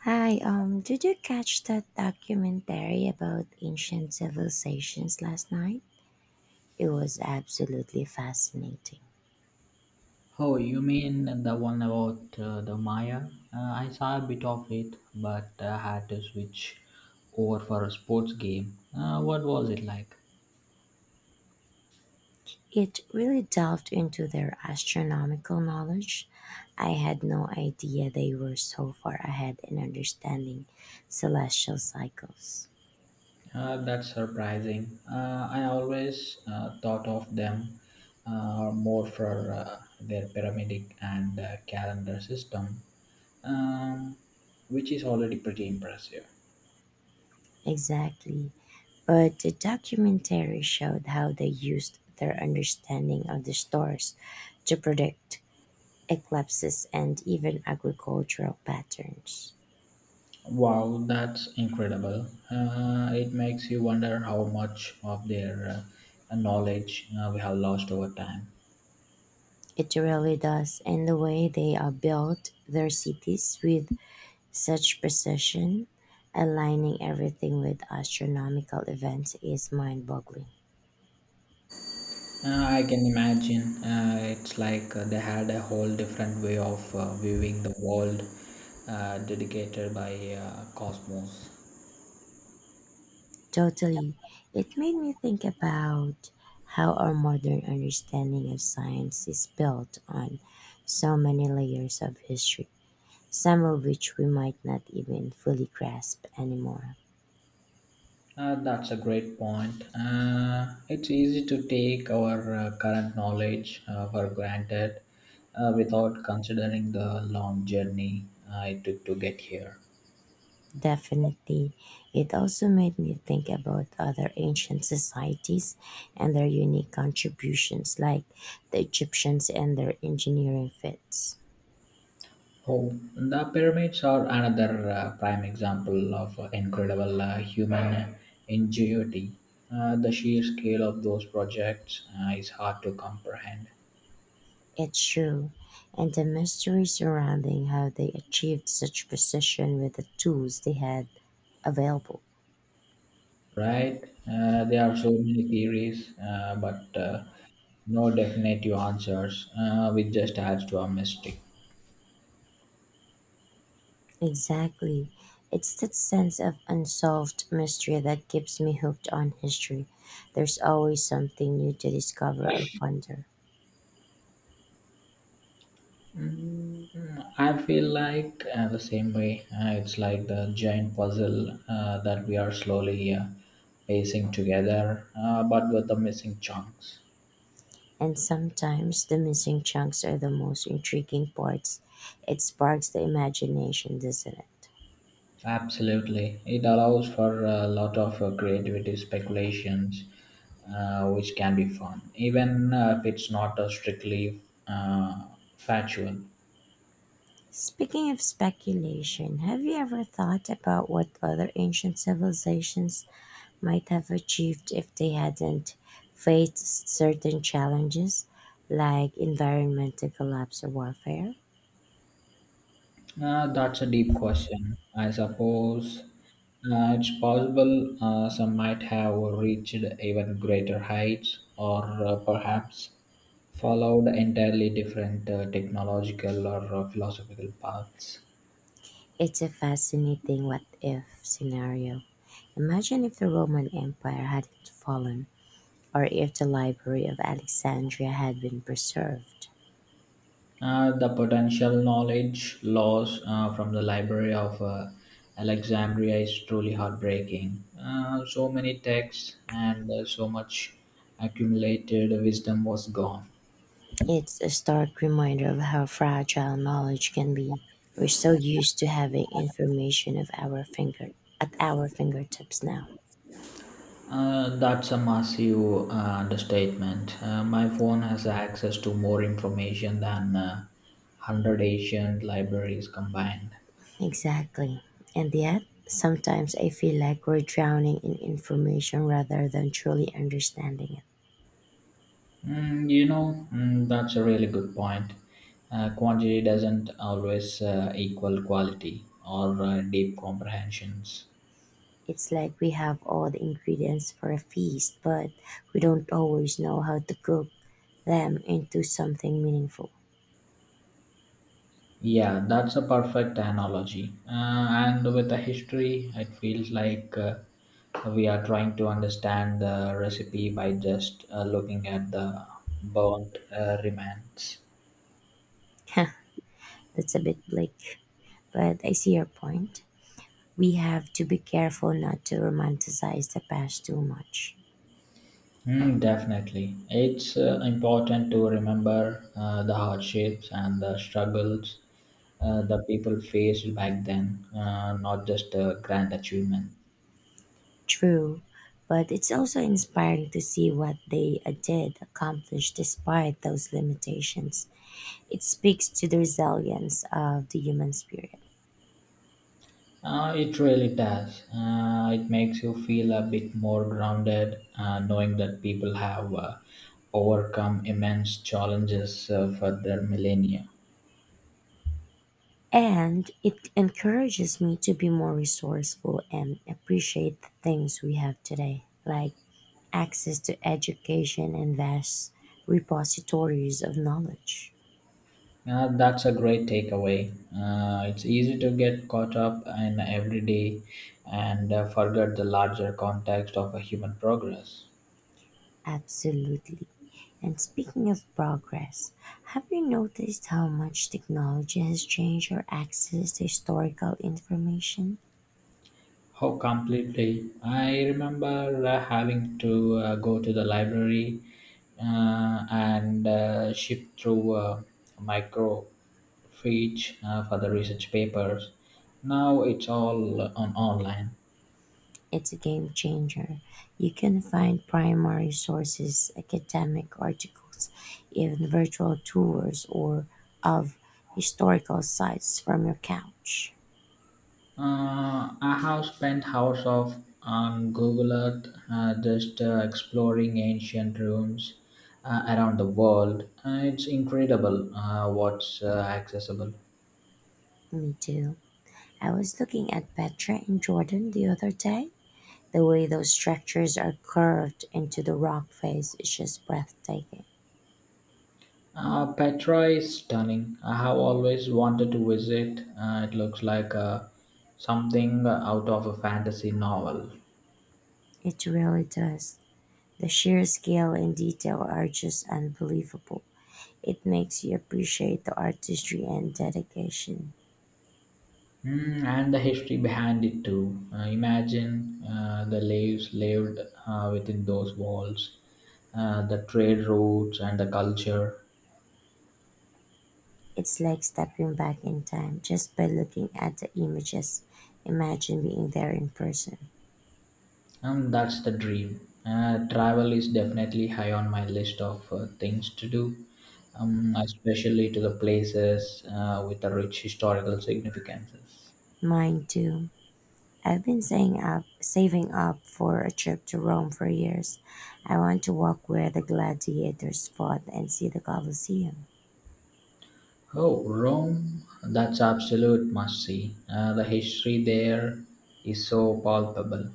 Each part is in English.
Did you catch that documentary about ancient civilizations last night? It was absolutely fascinating. Oh, you mean the one about the Maya? I saw a bit of it, but had to switch over for a sports game. What was it like? It really delved into their astronomical knowledge. I had no idea they were so far ahead in understanding celestial cycles. That's surprising. I always thought of them more for their pyramidic and calendar system, um, which is already pretty impressive. Exactly. But the documentary showed how they used their understanding of the stars to predict eclipses, and even agricultural patterns. Wow, that's incredible. It makes you wonder how much of their knowledge we have lost over time. It really does, and the way they are built their cities with such precision, aligning everything with astronomical events, is mind boggling. I can imagine it's like they had a whole different way of viewing the world dedicated by cosmos. Totally. It made me think about how our modern understanding of science is built on so many layers of history, some of which we might not even fully grasp anymore. That's a great point. It's easy to take our current knowledge for granted without considering the long journey it took to get here. Definitely. It also made me think about other ancient societies and their unique contributions, like the Egyptians and their engineering feats. Oh, the pyramids are another prime example of incredible human ingenuity. The sheer scale of those projects is hard to comprehend, It's true. And the mystery surrounding how they achieved such precision with the tools they had available. right? There are so many theories, but no definitive answers, which just adds to our mystery. Exactly. It's that sense of unsolved mystery that keeps me hooked on history. There's always something new to discover or ponder. Mm, I feel like the same way. It's like the giant puzzle that we are slowly piecing together, but with the missing chunks. And sometimes the missing chunks are the most intriguing parts. It sparks the imagination, doesn't it? Absolutely, it allows for a lot of creativity speculations, which can be fun, even if it's not strictly uh, factual. Speaking of speculation, have you ever thought about what other ancient civilizations might have achieved if they hadn't faced certain challenges like environmental collapse or warfare? That's a deep question. I suppose it's possible some might have reached even greater heights or perhaps followed entirely different technological or philosophical paths. It's a fascinating what if scenario. Imagine if the Roman Empire hadn't fallen, or if the Library of Alexandria had been preserved. The potential knowledge loss from the Library of Alexandria is truly heartbreaking. So many texts and so much accumulated wisdom was gone. It's a stark reminder of how fragile knowledge can be. We're so used to having information of our finger at our fingertips now. That's a massive understatement. My phone has access to more information than 100 Asian libraries combined. Exactly. And yet, sometimes I feel like we're drowning in information rather than truly understanding it. Mm, you know, that's a really good point. Quantity doesn't always equal quality or deep comprehensions. It's like we have all the ingredients for a feast, but we don't always know how to cook them into something meaningful. Yeah, that's a perfect analogy. And with the history, it feels like we are trying to understand the recipe by just looking at the burnt remains. That's a bit bleak, but I see your point. We have to be careful not to romanticize the past too much. Mm, definitely. It's important to remember the hardships and the struggles the people faced back then, not just the grand achievements. True, but it's also inspiring to see what they did accomplish despite those limitations. It speaks to the resilience of the human spirit. It really does. It makes you feel a bit more grounded, knowing that people have overcome immense challenges for their millennia. And it encourages me to be more resourceful and appreciate the things we have today, like access to education and vast repositories of knowledge. That's a great takeaway. It's easy to get caught up in everyday and forget the larger context of a human progress. Absolutely. And speaking of progress, have you noticed how much technology has changed our access to historical information? Oh, completely. I remember having to go to the library and ship through microfiche for the research papers. Now it's all on online. It's a game changer. You can find primary sources, academic articles, even virtual tours or of historical sites from your couch. I have spent hours of on Google Earth just exploring ancient ruins around the world. It's incredible what's accessible. Me too. I was looking at Petra in Jordan the other day. The way those structures are carved into the rock face is just breathtaking. Petra is stunning. I have always wanted to visit. It looks like something out of a fantasy novel. It really does. The sheer scale and detail are just unbelievable. It makes you appreciate the artistry and dedication. Mm, and the history behind it too. Imagine the slaves lived within those walls, the trade routes and the culture. It's like stepping back in time just by looking at the images. Imagine being there in person. And that's the dream. Travel is definitely high on my list of things to do, especially to the places with the rich historical significances. Mine too. I've been saving up for a trip to Rome for years. I want to walk where the gladiators fought and see the Colosseum. Oh, Rome, that's absolute must see. The history there is so palpable.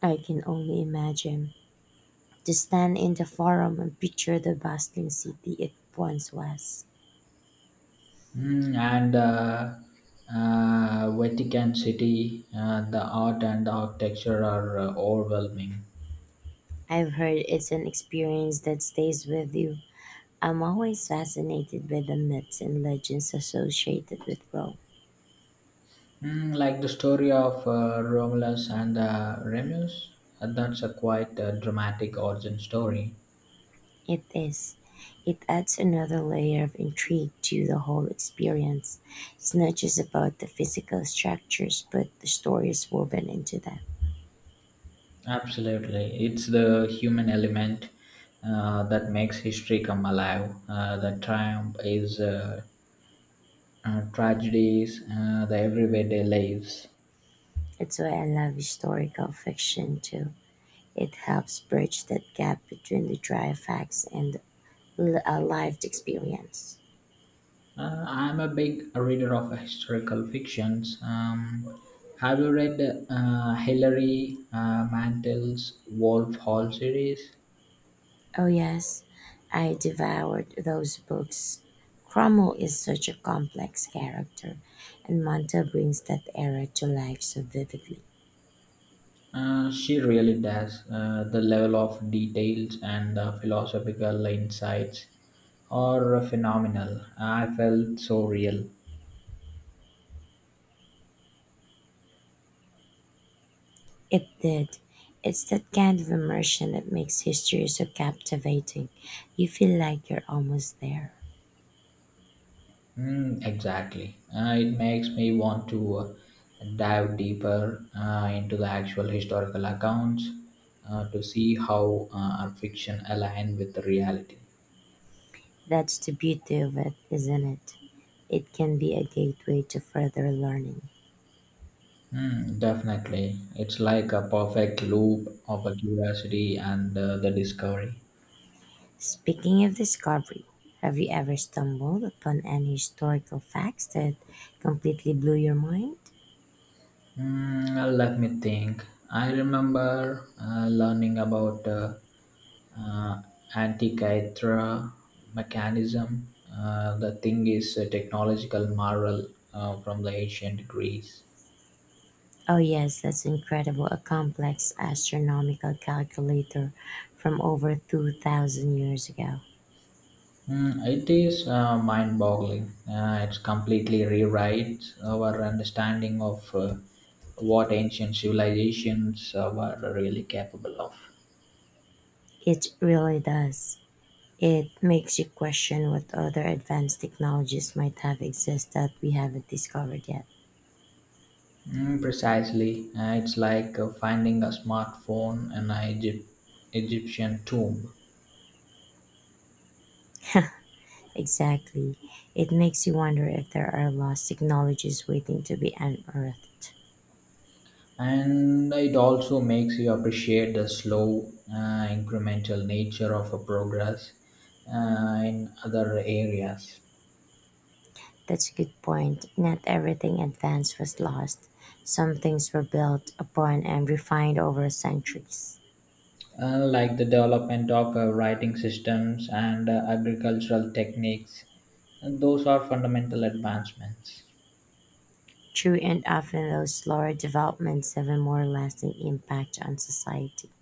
I can only imagine. To stand in the forum and picture the bustling city it once was. Mm, and Vatican City, the art and the architecture are overwhelming. I've heard it's an experience that stays with you. I'm always fascinated by the myths and legends associated with Rome. Mm, like the story of Romulus and Remus, that's a quite dramatic origin story. It is. It adds another layer of intrigue to the whole experience. It's not just about the physical structures, but the stories woven into them. Absolutely. It's the human element that makes history come alive. The triumph is tragedies, the everyday lives. That's why I love historical fiction too. It helps bridge that gap between the dry facts and a lived experience. I'm a big reader of historical fictions. Have you read Hilary Mantel's Wolf Hall series? Oh, yes, I devoured those books. Cromwell is such a complex character, and Monta brings that era to life so vividly. She really does. The level of details and the philosophical insights are phenomenal. I felt so real. It did. It's that kind of immersion that makes history so captivating. You feel like you're almost there. Mm, exactly. It makes me want to dive deeper into the actual historical accounts to see how our fiction align with the reality. That's the beauty of it, isn't it? It can be a gateway to further learning. Mm, definitely. It's like a perfect loop of a curiosity and the discovery. Speaking of discovery, have you ever stumbled upon any historical facts that completely blew your mind? Let me think. I remember learning about uh, Antikythera mechanism. The thing is a technological marvel from the ancient Greece. Oh, yes, that's incredible. A complex astronomical calculator from over 2,000 years ago. Mm, it is mind-boggling. It completely rewrites our understanding of what ancient civilizations were really capable of. It really does. It makes you question what other advanced technologies might have exist that we haven't discovered yet. Mm, precisely. It's like finding a smartphone in an Egyptian tomb. Exactly. It makes you wonder if there are lost technologies waiting to be unearthed. And it also makes you appreciate the slow, incremental nature of a progress in other areas, That's a good point. Not everything advanced was lost. Some things were built upon and refined over centuries. Like the development of writing systems and agricultural techniques. And those are fundamental advancements. True, and often those slower developments have a more lasting impact on society.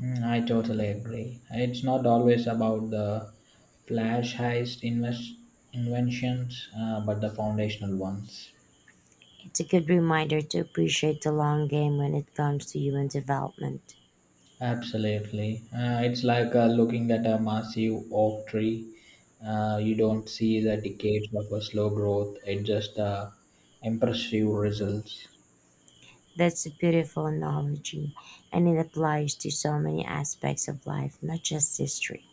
Mm, I totally agree. It's not always about the flash heist invest inventions, but the foundational ones. It's a good reminder to appreciate the long game when it comes to human development. Absolutely. It's like looking at a massive oak tree. You don't see the decades of a slow growth, it just impressive results. That's a beautiful analogy, and it applies to so many aspects of life, not just history.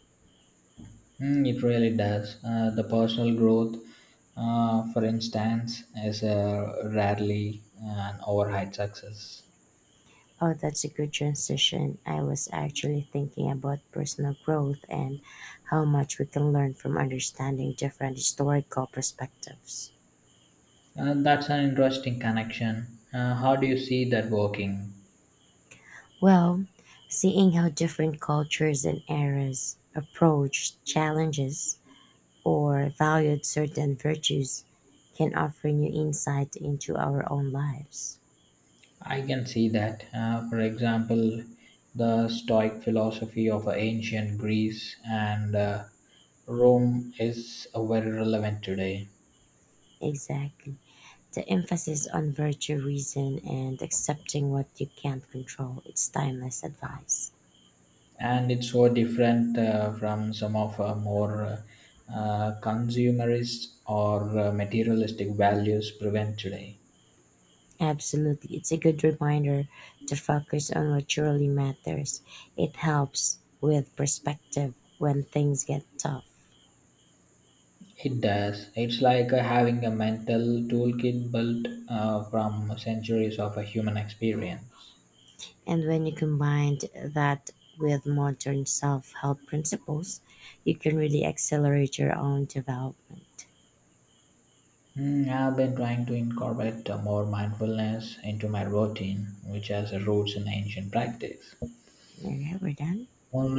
Mm, it really does. The personal growth, for instance, is rarely an overhyped success. Oh, that's a good transition. I was actually thinking about personal growth and how much we can learn from understanding different historical perspectives. That's an interesting connection. How do you see that working? Well, seeing how different cultures and eras approached challenges or valued certain virtues can offer new insight into our own lives. I can see that. For example, the Stoic philosophy of ancient Greece and Rome is very relevant today, Exactly. The emphasis on virtue, reason, and accepting what you can't control, it's timeless advice. and it's so different from some of our more consumerist or materialistic values prevalent today. Absolutely. It's a good reminder to focus on what truly matters. It helps with perspective when things get tough. It does. It's like having a mental toolkit built from centuries of a human experience. And when you combine that with modern self help principles, you can really accelerate your own development. Mm, I've been trying to incorporate more mindfulness into my routine, which has roots in ancient practice. There, we're done. Online